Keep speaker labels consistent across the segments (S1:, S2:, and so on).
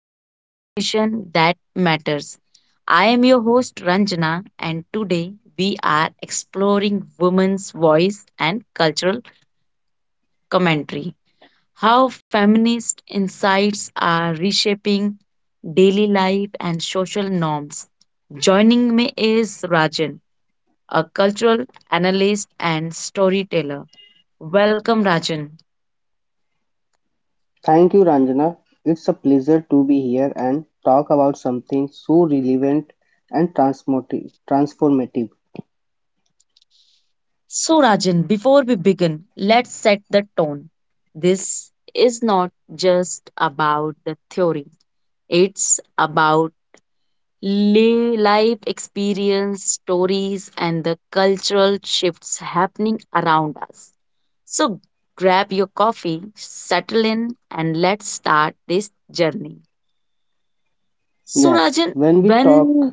S1: a conversation that matters. I am your host Ranjana, and today we are exploring women's voice and cultural commentary. How feminist insights are reshaping daily life and social norms. Joining me is Rajan, a cultural analyst and storyteller. Welcome, Rajan.
S2: Thank you, Ranjana. It's a pleasure to be here and talk about something so relevant and transformative.
S1: So, Rajan, before we begin, let's set the tone. This is not just about the theory, it's about life experience, stories, and the cultural shifts happening around us. So, grab your coffee, settle in, and let's start this journey. So
S2: Yes,
S1: Rajan,
S2: when we
S1: when
S2: talk,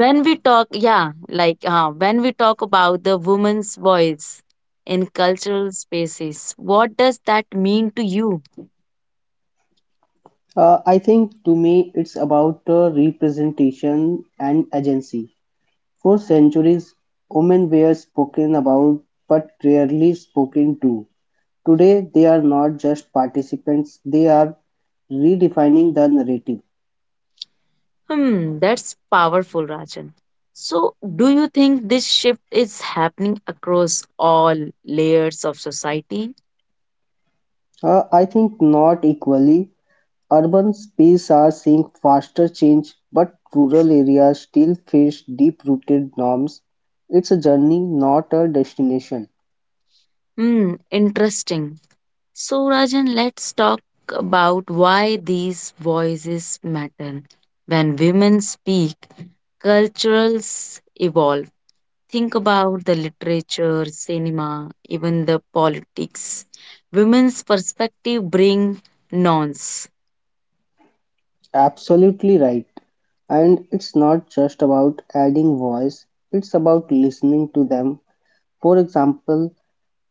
S1: when we talk, yeah, like when we talk about the woman's voice in cultural spaces, what does that mean to you?
S2: I think to me it's about representation and agency. For centuries, women were spoken about but rarely spoken to. Today, they are not just participants, they are redefining the narrative.
S1: Hmm, that's powerful, Rajan. So, do you think this shift is happening across all layers of society?
S2: I think not equally. Urban spaces are seeing faster change, but rural areas still face deep-rooted norms. It's a journey, not a destination.
S1: Hmm, interesting. So, Rajan, let's talk about why these voices matter. When women speak, cultures evolve. Think about the literature, cinema, even the politics. Women's perspective bring nuance.
S2: Absolutely right. And it's not just about adding voice, it's about listening to them. For example,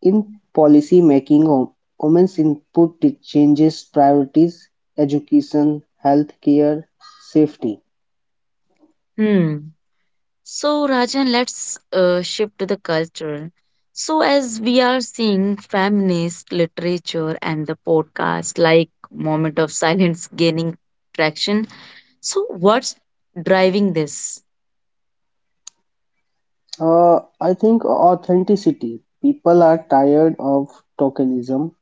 S2: in policy making, women's input changes priorities, education, healthcare, safety.
S1: Hmm. So, Rajan, let's shift to the culture. So, as we are seeing feminist literature and the podcast like Moment of Silence gaining traction, so what's driving this?
S2: I think authenticity. People are tired of tokenism.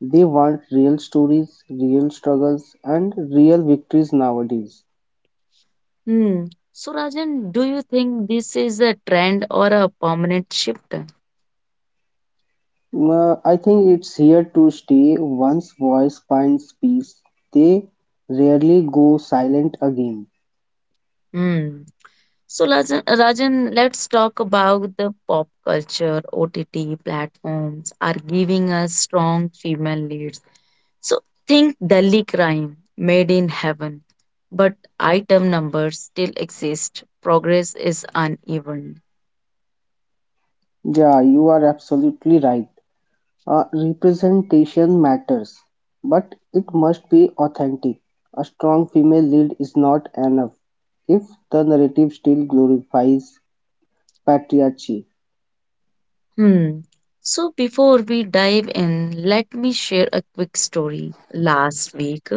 S2: They want real stories, real struggles, and real victories nowadays.
S1: Hmm. So, Rajan, do you think this is a trend or a permanent shift?
S2: I think it's here to stay. Once voice finds peace, they rarely go silent again.
S1: Hmm. So, Rajan, let's talk about the pop culture. OTT platforms are giving us strong female leads. So think Delhi Crime, Made in Heaven, but item numbers still exist. Progress is uneven.
S2: Yeah, you are absolutely right. Representation matters, but it must be authentic; a strong female lead is not enough if the narrative still glorifies patriarchy.
S1: Hmm. So before we dive in, let me share a quick story. Last week,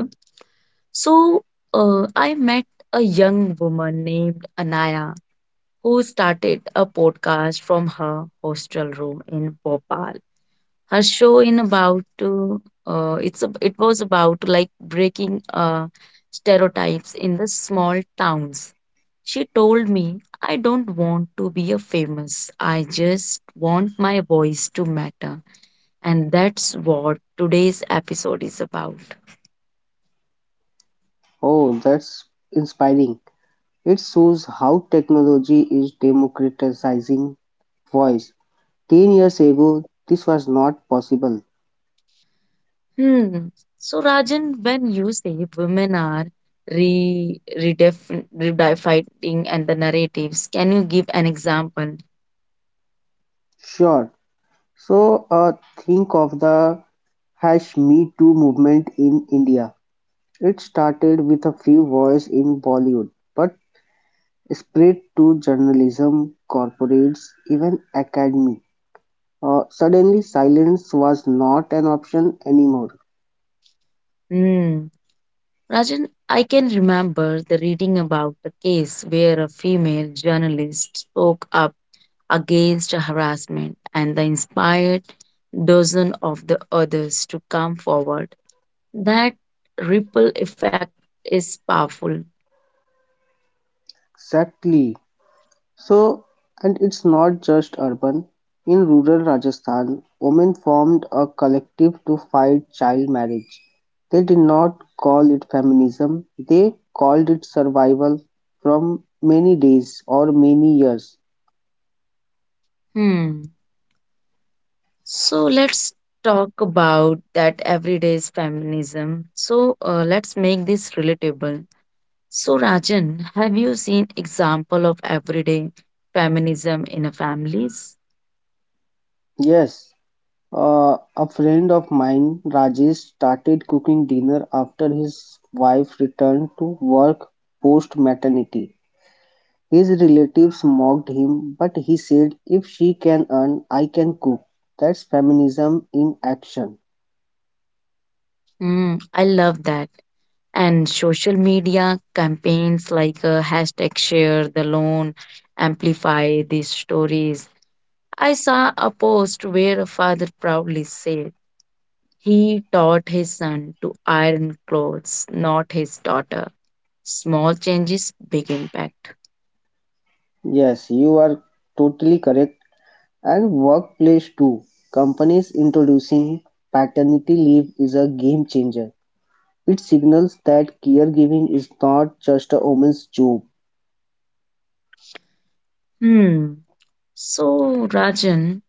S1: so I met a young woman named Anaya who started a podcast from her hostel room in Bhopal. Her show in about it was about like breaking stereotypes in the small towns. She told me, I don't want to be a famous. I just want my voice to matter. And that's what today's episode is about.
S2: Oh, that's inspiring. It shows how technology is democratizing voice. 10 years ago, this was not possible.
S1: Hmm. So, Rajan, when you say women are re redefin redefining and the narratives, can you give an example?
S2: Sure. Think of the hash Me Too movement in India. It started with a few voices in Bollywood, but spread to journalism, corporates, even academy. Suddenly, silence was not an option anymore.
S1: Hmm. Rajan, I can remember the reading about a case where a female journalist spoke up against harassment and that inspired dozens of the others to come forward. That ripple effect is powerful.
S2: Exactly. So, and it's not just urban. In rural Rajasthan, women formed a collective to fight child marriage. They did not call it feminism, they called it survival from many days or many years.
S1: Hmm. So let's talk about that everyday feminism. So let's make this relatable. So Rajan, have you seen example of everyday feminism in a families?
S2: Yes. A friend of mine, Rajesh, started cooking dinner after his wife returned to work post maternity. His relatives mocked him, but he said, "If she can earn, I can cook." That's feminism in action.
S1: Mm, I love that. And social media campaigns like hashtag share the loan amplify these stories. I saw a post where a father proudly said he taught his son to iron clothes, not his daughter. Small changes, big impact.
S2: Yes, you are totally correct. And workplace too. Companies introducing paternity leave is a game changer. It signals that caregiving is not just a woman's job.
S1: Hmm. So, Rajan,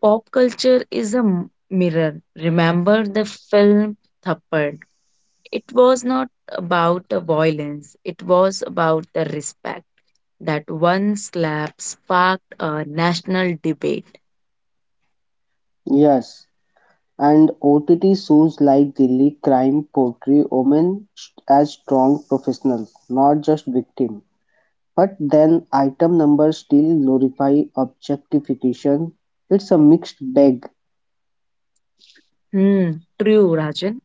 S1: pop culture is a mirror. Remember the film Thappad? It was not about the violence, it was about the respect. That one slap sparked a national debate.
S2: Yes, and OTT shows like Delhi Crime portray women as strong professionals, not just victims. But then item numbers still glorify objectification. It's a mixed bag.
S1: Hmm, true, Rajan.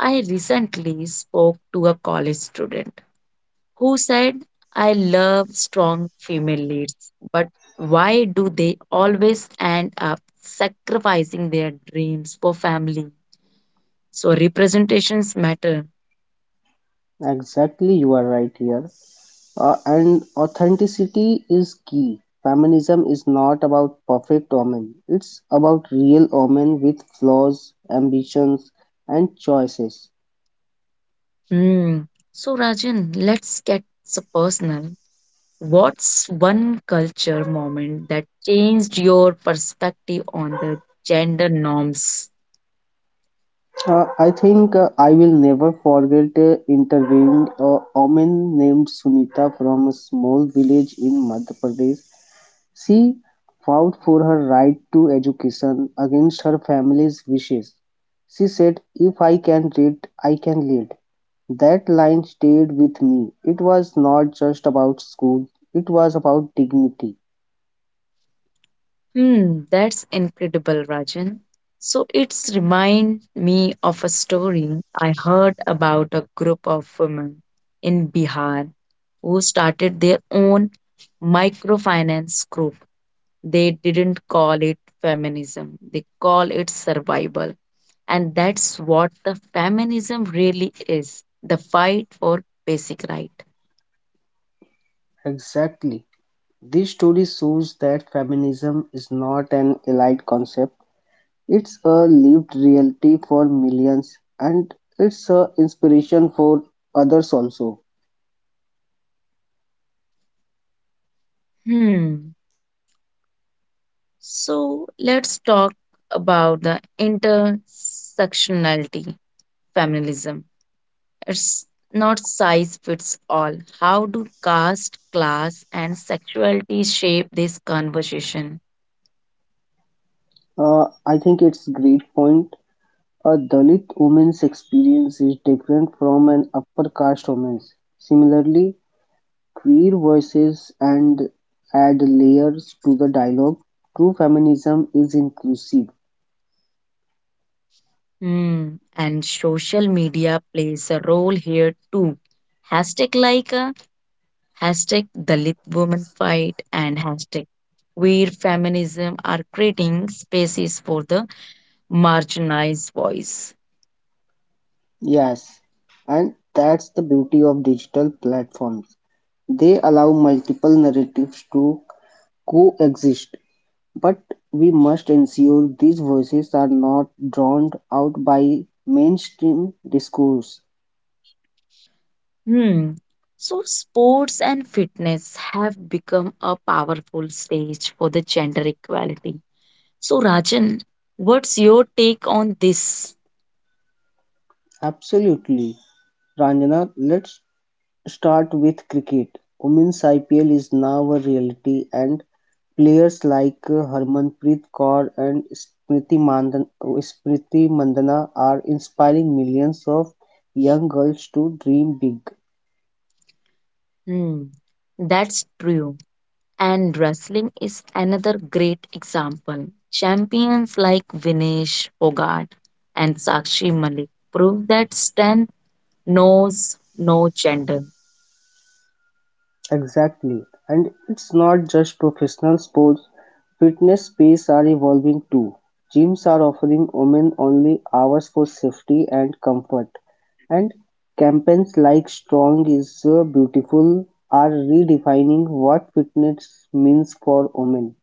S1: I recently spoke to a college student who said, I love strong female leads, but why do they always end up sacrificing their dreams for family? So, representations matter.
S2: Exactly, you are right here. And authenticity is key. Feminism is not about perfect women. It's about real women with flaws, ambitions, and choices.
S1: Hmm. So, Rajan, let's get so personal. What's one culture moment that changed your perspective on the gender norms?
S2: I will never forget interviewing a woman named Sunita from a small village in Madhya Pradesh. She fought for her right to education against her family's wishes. She said, "If I can read, I can lead." That line stayed with me. It was not just about school, it was about dignity.
S1: Hmm, that's incredible, Rajan. So it's remind me of a story I heard about a group of women in Bihar who started their own microfinance group. They didn't call it feminism, they call it survival. And that's what the feminism really is the fight for basic right.
S2: Exactly. This story shows that feminism is not an elite concept. It's a lived reality for millions, and it's a inspiration for others also.
S1: Hmm. So let's talk about the intersectionality feminism. It's not size fits all. How do caste, class, and sexuality shape this conversation?
S2: I think it's great point. A Dalit woman's experience is different from an upper caste woman's. Similarly, queer voices and add layers to the dialogue. True feminism is inclusive.
S1: Hmm. And social media plays a role here too. Hashtag like a. hashtag the lit women fight and hashtag where feminism are creating spaces for the marginalized voice.
S2: Yes, and that's the beauty of digital platforms. They allow multiple narratives to coexist. But we must ensure these voices are not drowned out by mainstream discourse.
S1: Hmm. So sports and fitness have become a powerful stage for the gender equality. So Rajan, what's your take on this?
S2: Absolutely, Ranjana. Let's start with cricket. Women's IPL is now a reality and players like Harmanpreet Kaur and Smriti Mandana are inspiring millions of young girls to dream big.
S1: Hmm. That's true. And wrestling is another great example. Champions like Vinesh Fogart and Sakshi Malik prove that strength knows no gender.
S2: Exactly, and it's not just professional sports. Fitness spaces are evolving too. Gyms are offering women-only hours for safety and comfort, and campaigns like Strong is Beautiful are redefining what fitness means for women.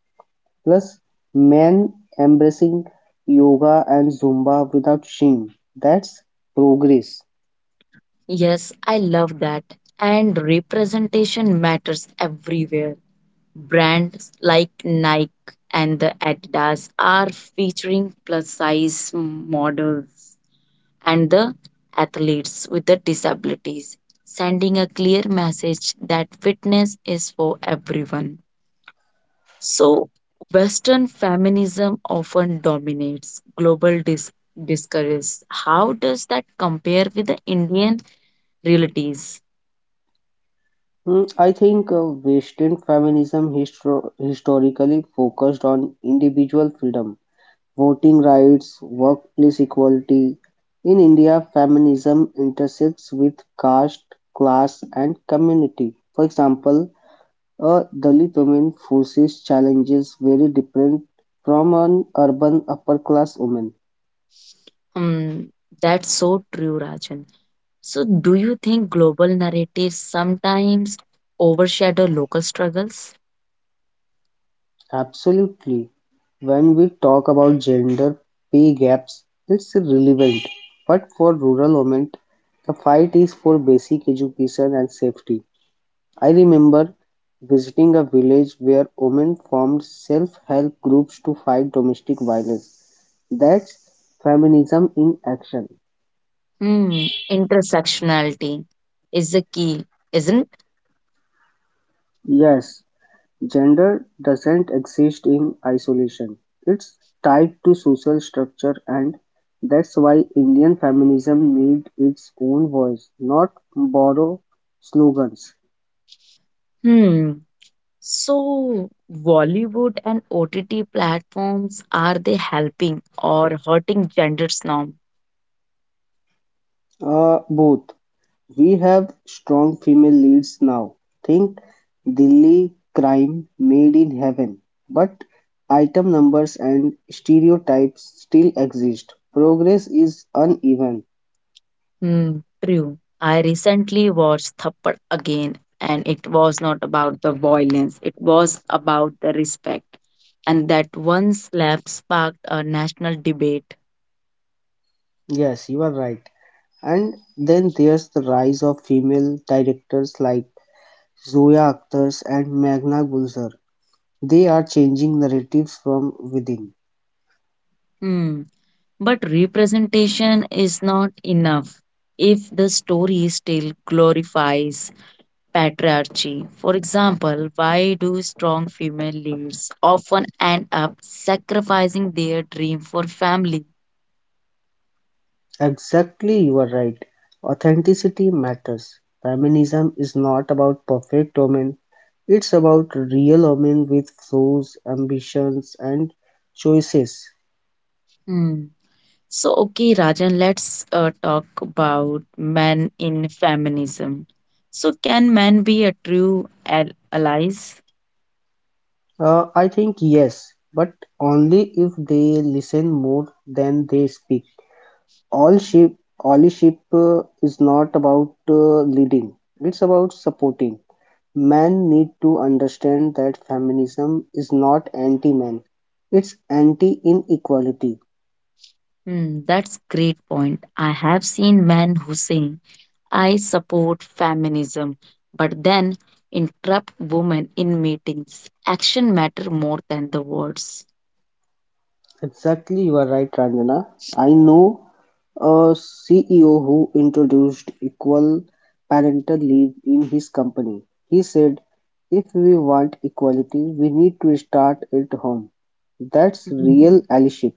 S2: Plus, men embracing yoga and Zumba without shame. That's progress.
S1: Yes, I love that. And representation matters everywhere. Brands like Nike and the Adidas are featuring plus size models and the athletes with the disabilities, sending a clear message that fitness is for everyone. So, Western feminism often dominates global discourse. How does that compare with the Indian realities?
S2: I think Western feminism historically focused on individual freedom, voting rights, workplace equality. In India, feminism intersects with caste, class, and community. For example, a Dalit woman faces challenges very different from an urban upper class woman.
S1: Hmm, that's so true, Rajan. So, do you think global narratives sometimes overshadow local struggles?
S2: Absolutely. When we talk about gender pay gaps, it's relevant. But for rural women, the fight is for basic education and safety. I remember visiting a village where women formed self help groups to fight domestic violence. That's feminism in action.
S1: Hmm, intersectionality is the key, isn't.
S2: Yes, gender doesn't exist in isolation; it's tied to social structure and that's why Indian feminism needs its own voice, not borrow slogans.
S1: Hmm. So, Bollywood and OTT platforms are they helping or hurting gender's norm?
S2: Both. We have strong female leads now. Think Delhi Crime, Made in Heaven. But item numbers and stereotypes still exist. Progress is uneven.
S1: Hmm. True. I recently watched Thappad again, and it was not about the violence; it was about the respect, and that one slap sparked a national debate.
S2: Yes, you are right. And then there's the rise of female directors like Zoya Akhtar and Meghna Gulzar. They are changing narratives from within.
S1: Hmm. But representation is not enough if the story still glorifies patriarchy. For example, why do strong female leads often end up sacrificing their dream for family?
S2: Exactly, you are right. Authenticity matters. Feminism is not about perfect women, it's about real women with flaws, ambitions, and choices.
S1: Hmm. So, okay, Rajan, let's talk about men in feminism. So, can men be a true allies?
S2: I think yes, but only if they listen more than they speak. all ship Allship is not about leading, it's about supporting. Men need to understand that feminism is not anti-men, it's anti-inequality.
S1: Hmm, that's great point. I have seen men who say, "I support feminism," but then interrupt women in meetings. Action matter more than the words.
S2: Exactly, you are right, Ranjana. I know a CEO who introduced equal parental leave in his company. He said, "If we want equality, we need to start at home." That's real
S1: Mhm.
S2: allyship.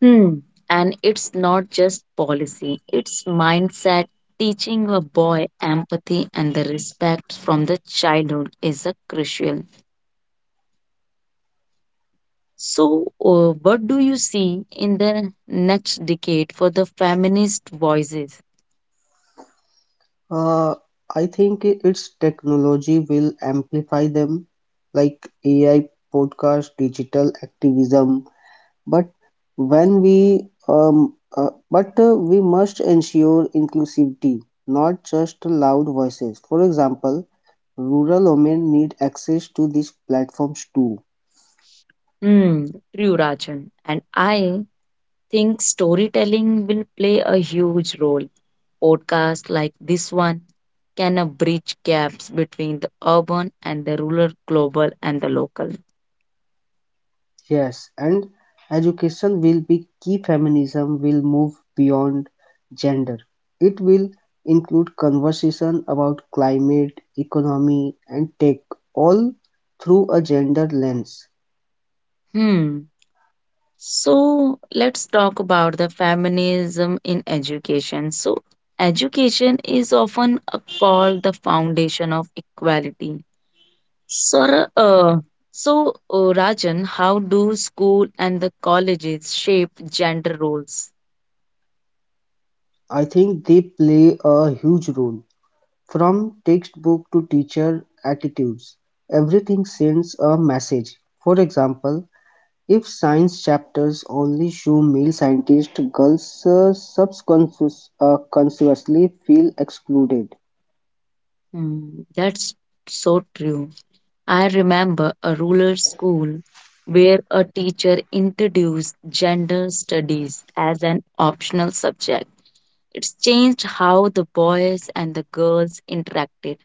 S1: Hmm. And it's not just policy, it's mindset. Teaching a boy empathy and the respect from the childhood is a crucial. So, what do you see in the next decade for the feminist voices?
S2: Uh, its technology will amplify them, like AI, podcast, digital activism. But when we, we must ensure inclusivity, not just loud voices. For example, rural women need access to these platforms too.
S1: Hmm, true, Rajan. And I think storytelling will play a huge role. Podcasts like this one can bridge gaps between the urban and the rural, global and the local.
S2: Yes, and education will be key. Feminism will move beyond gender. It will include conversation about climate, economy, and tech, all through a gender lens.
S1: Hmm. So let's talk about the feminism in education. So education is often called the foundation of equality. So, uh, Rajan, how do school and the colleges shape gender roles?
S2: I think they play a huge role. From textbook to teacher attitudes, everything sends a message. For example, if science chapters only show male scientists, girls subconsciously feel excluded.
S1: Hmm, that's so true. I remember a rural school where a teacher introduced gender studies as an optional subject. It's changed how the boys and the girls interacted.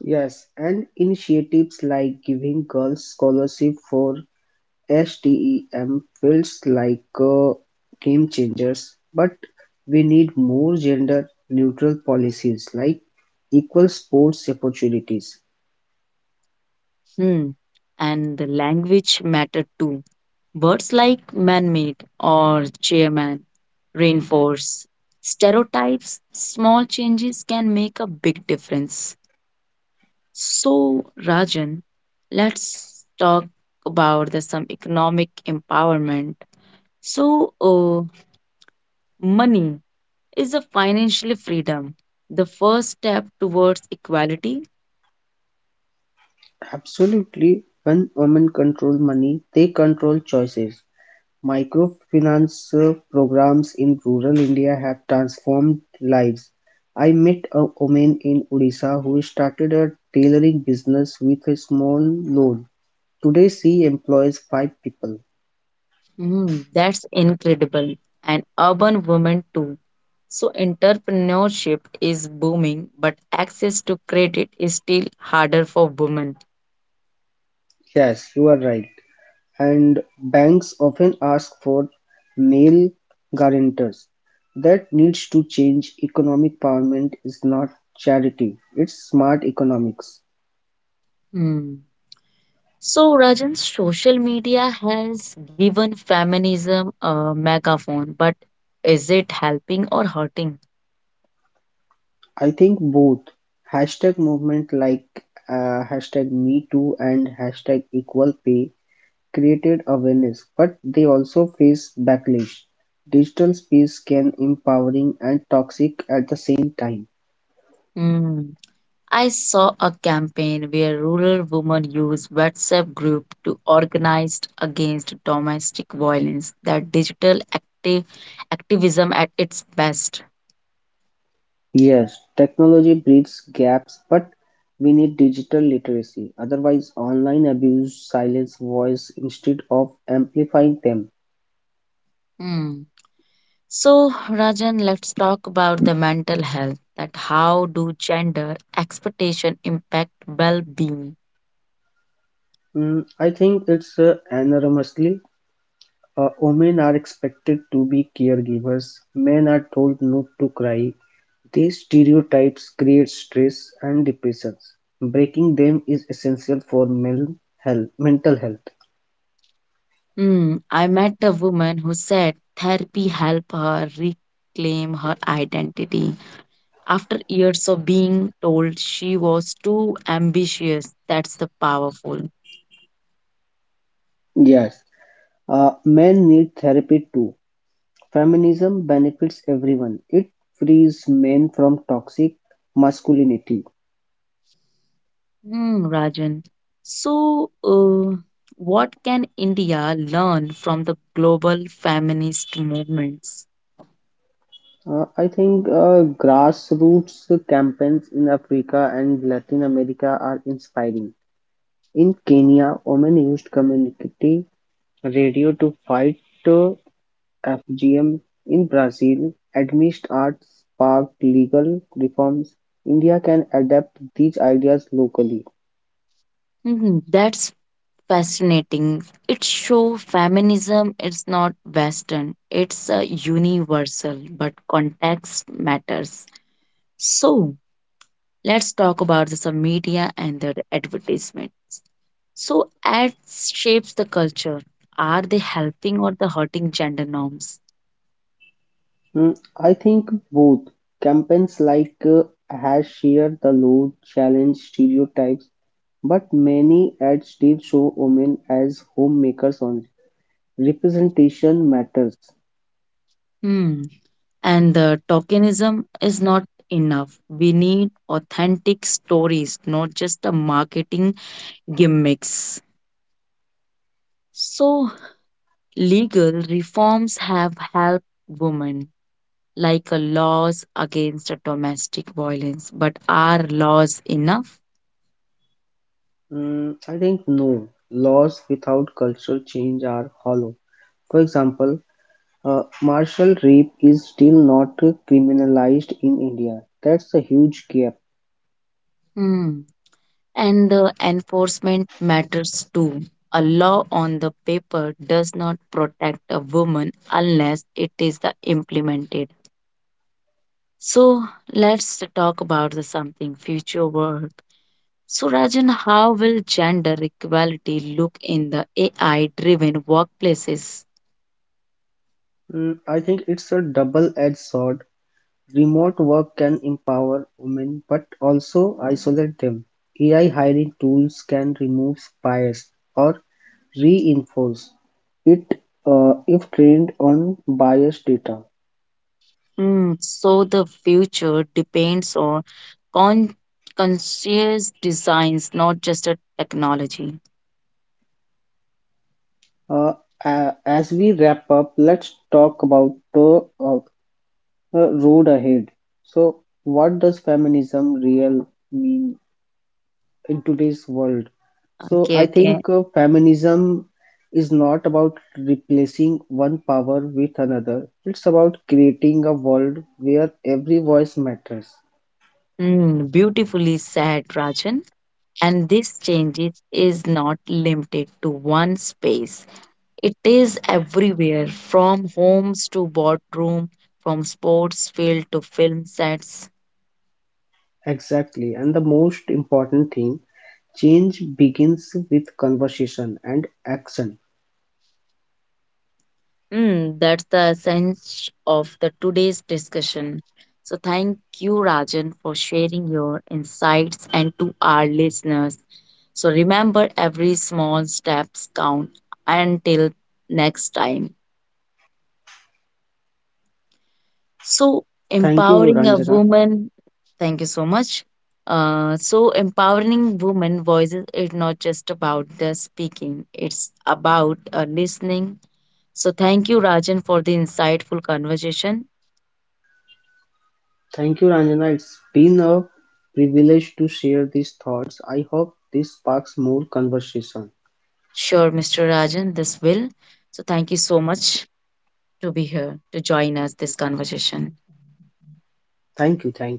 S2: Yes, and initiatives like giving girls scholarship for STEM fields like game changers. But we need more gender neutral policies like equal sports opportunities.
S1: Hmm. And the language mattered too. Words like man made or chairman reinforce stereotypes. Small changes can make a big difference. So, Rajan, let's talk about the, some economic empowerment. So, uh, money is a financial freedom, the first step towards equality.
S2: Absolutely, when women control money, they control choices. Microfinance programs in rural India have transformed lives. I met a woman in Odisha who started a tailoring business with a small loan. Today she employs five people.
S1: Mm, that's incredible. And urban women too. So entrepreneurship is booming, but access to credit is still harder for women.
S2: Yes, you are right. And banks often ask for male guarantors. That needs to change. Economic empowerment is not charity, it's smart economics.
S1: Mm. So Rajan, social media has given feminism a megaphone, but is it helping or hurting?
S2: I think both. Hashtag movement like hashtag Me Too and hashtag Equal Pay created awareness, but they also face backlash. Digital space can empowering and toxic at the same time.
S1: Mm. I saw a campaign where rural women use WhatsApp group to organize against domestic violence, that digital active activism at its best.
S2: Yes, technology bridges gaps, but we need digital literacy. Otherwise, online abuse silence voice instead of amplifying them.
S1: Hmm. So, Rajan, let's talk about the mental health, that how do gender expectation impact well-being?
S2: Mm, I think it's enormously. Women are expected to be caregivers, men are told not to cry. These stereotypes create stress and depressions. Breaking them is essential for male health, mental health.
S1: Hmm. I met a woman who said therapy helped her reclaim her identity after years of being told she was too ambitious, that's the powerful.
S2: Yes, men need therapy too. Feminism benefits everyone. It frees men from toxic masculinity.
S1: Hmm, Rajan. So, what can India learn from the global feminist movements?
S2: I think Grassroots campaigns in Africa and Latin America are inspiring. In Kenya, women used community radio to fight Fgm; in Brazil, Animist arts sparked legal reforms. India can adapt these ideas locally.
S1: Mhm, that's fascinating. It shows feminism is not Western, it's a universal, but context matters. So, let's talk about the some media and the advertisement. So ads shapes the culture. Are they helping or the hurting gender norms?
S2: Hmm, I think both. Campaigns like #ShareTheLoad the Load challenge stereotypes, but many ads still show women as homemakers only. Representation matters.
S1: Hmm. And the tokenism is not enough. We need authentic stories, not just the marketing gimmicks. So legal reforms have helped women, like a laws against a domestic violence. But are laws enough?
S2: Mm, I think no. Laws without cultural change are hollow. For example, martial rape is still not criminalized in India. That's a huge gap.
S1: Hmm. And the enforcement matters too. A law on the paper does not protect a woman unless it is the implemented. So let's talk about the something future work. So Rajan, how will gender equality look in the AI-driven workplaces?
S2: Mm, I think it's a double-edged sword. Remote work can empower women but also isolate them. AI hiring tools can remove bias or reinforce it if trained on biased data.
S1: Hmm, so the future depends on con- conscious designs, not just a technology.
S2: Uh, as we wrap up, let's talk about the road ahead. So, what does feminism real mean in today's world? So,
S1: Okay,
S2: I
S1: okay.
S2: think feminism is not about replacing one power with another. It's about creating a world where every voice matters.
S1: Mm, beautifully said, Rajan. And this changes is not limited to one space. It is everywhere, from homes to boardroom, from sports field to film sets.
S2: Exactly. And the most important thing, change begins with conversation and action.
S1: Mm, that's the essence of the today's discussion. So thank you, Rajan, for sharing your insights and to our listeners. So remember, every small steps count. Until next time. So,
S2: Thank you,
S1: empowering a
S2: Ranjana.
S1: woman, thank you so much. So, empowering women voices is not just about the speaking, it's about listening. So, thank you, Rajan, for the insightful conversation.
S2: Thank you, Ranjana. It's been a privilege to share these thoughts. I hope this sparks more conversation.
S1: Sure, Mr. Rajan, this will. So, thank you so much to be here to
S2: Thank
S1: join
S2: you.
S1: us this conversation.
S2: Thank you. Thank you.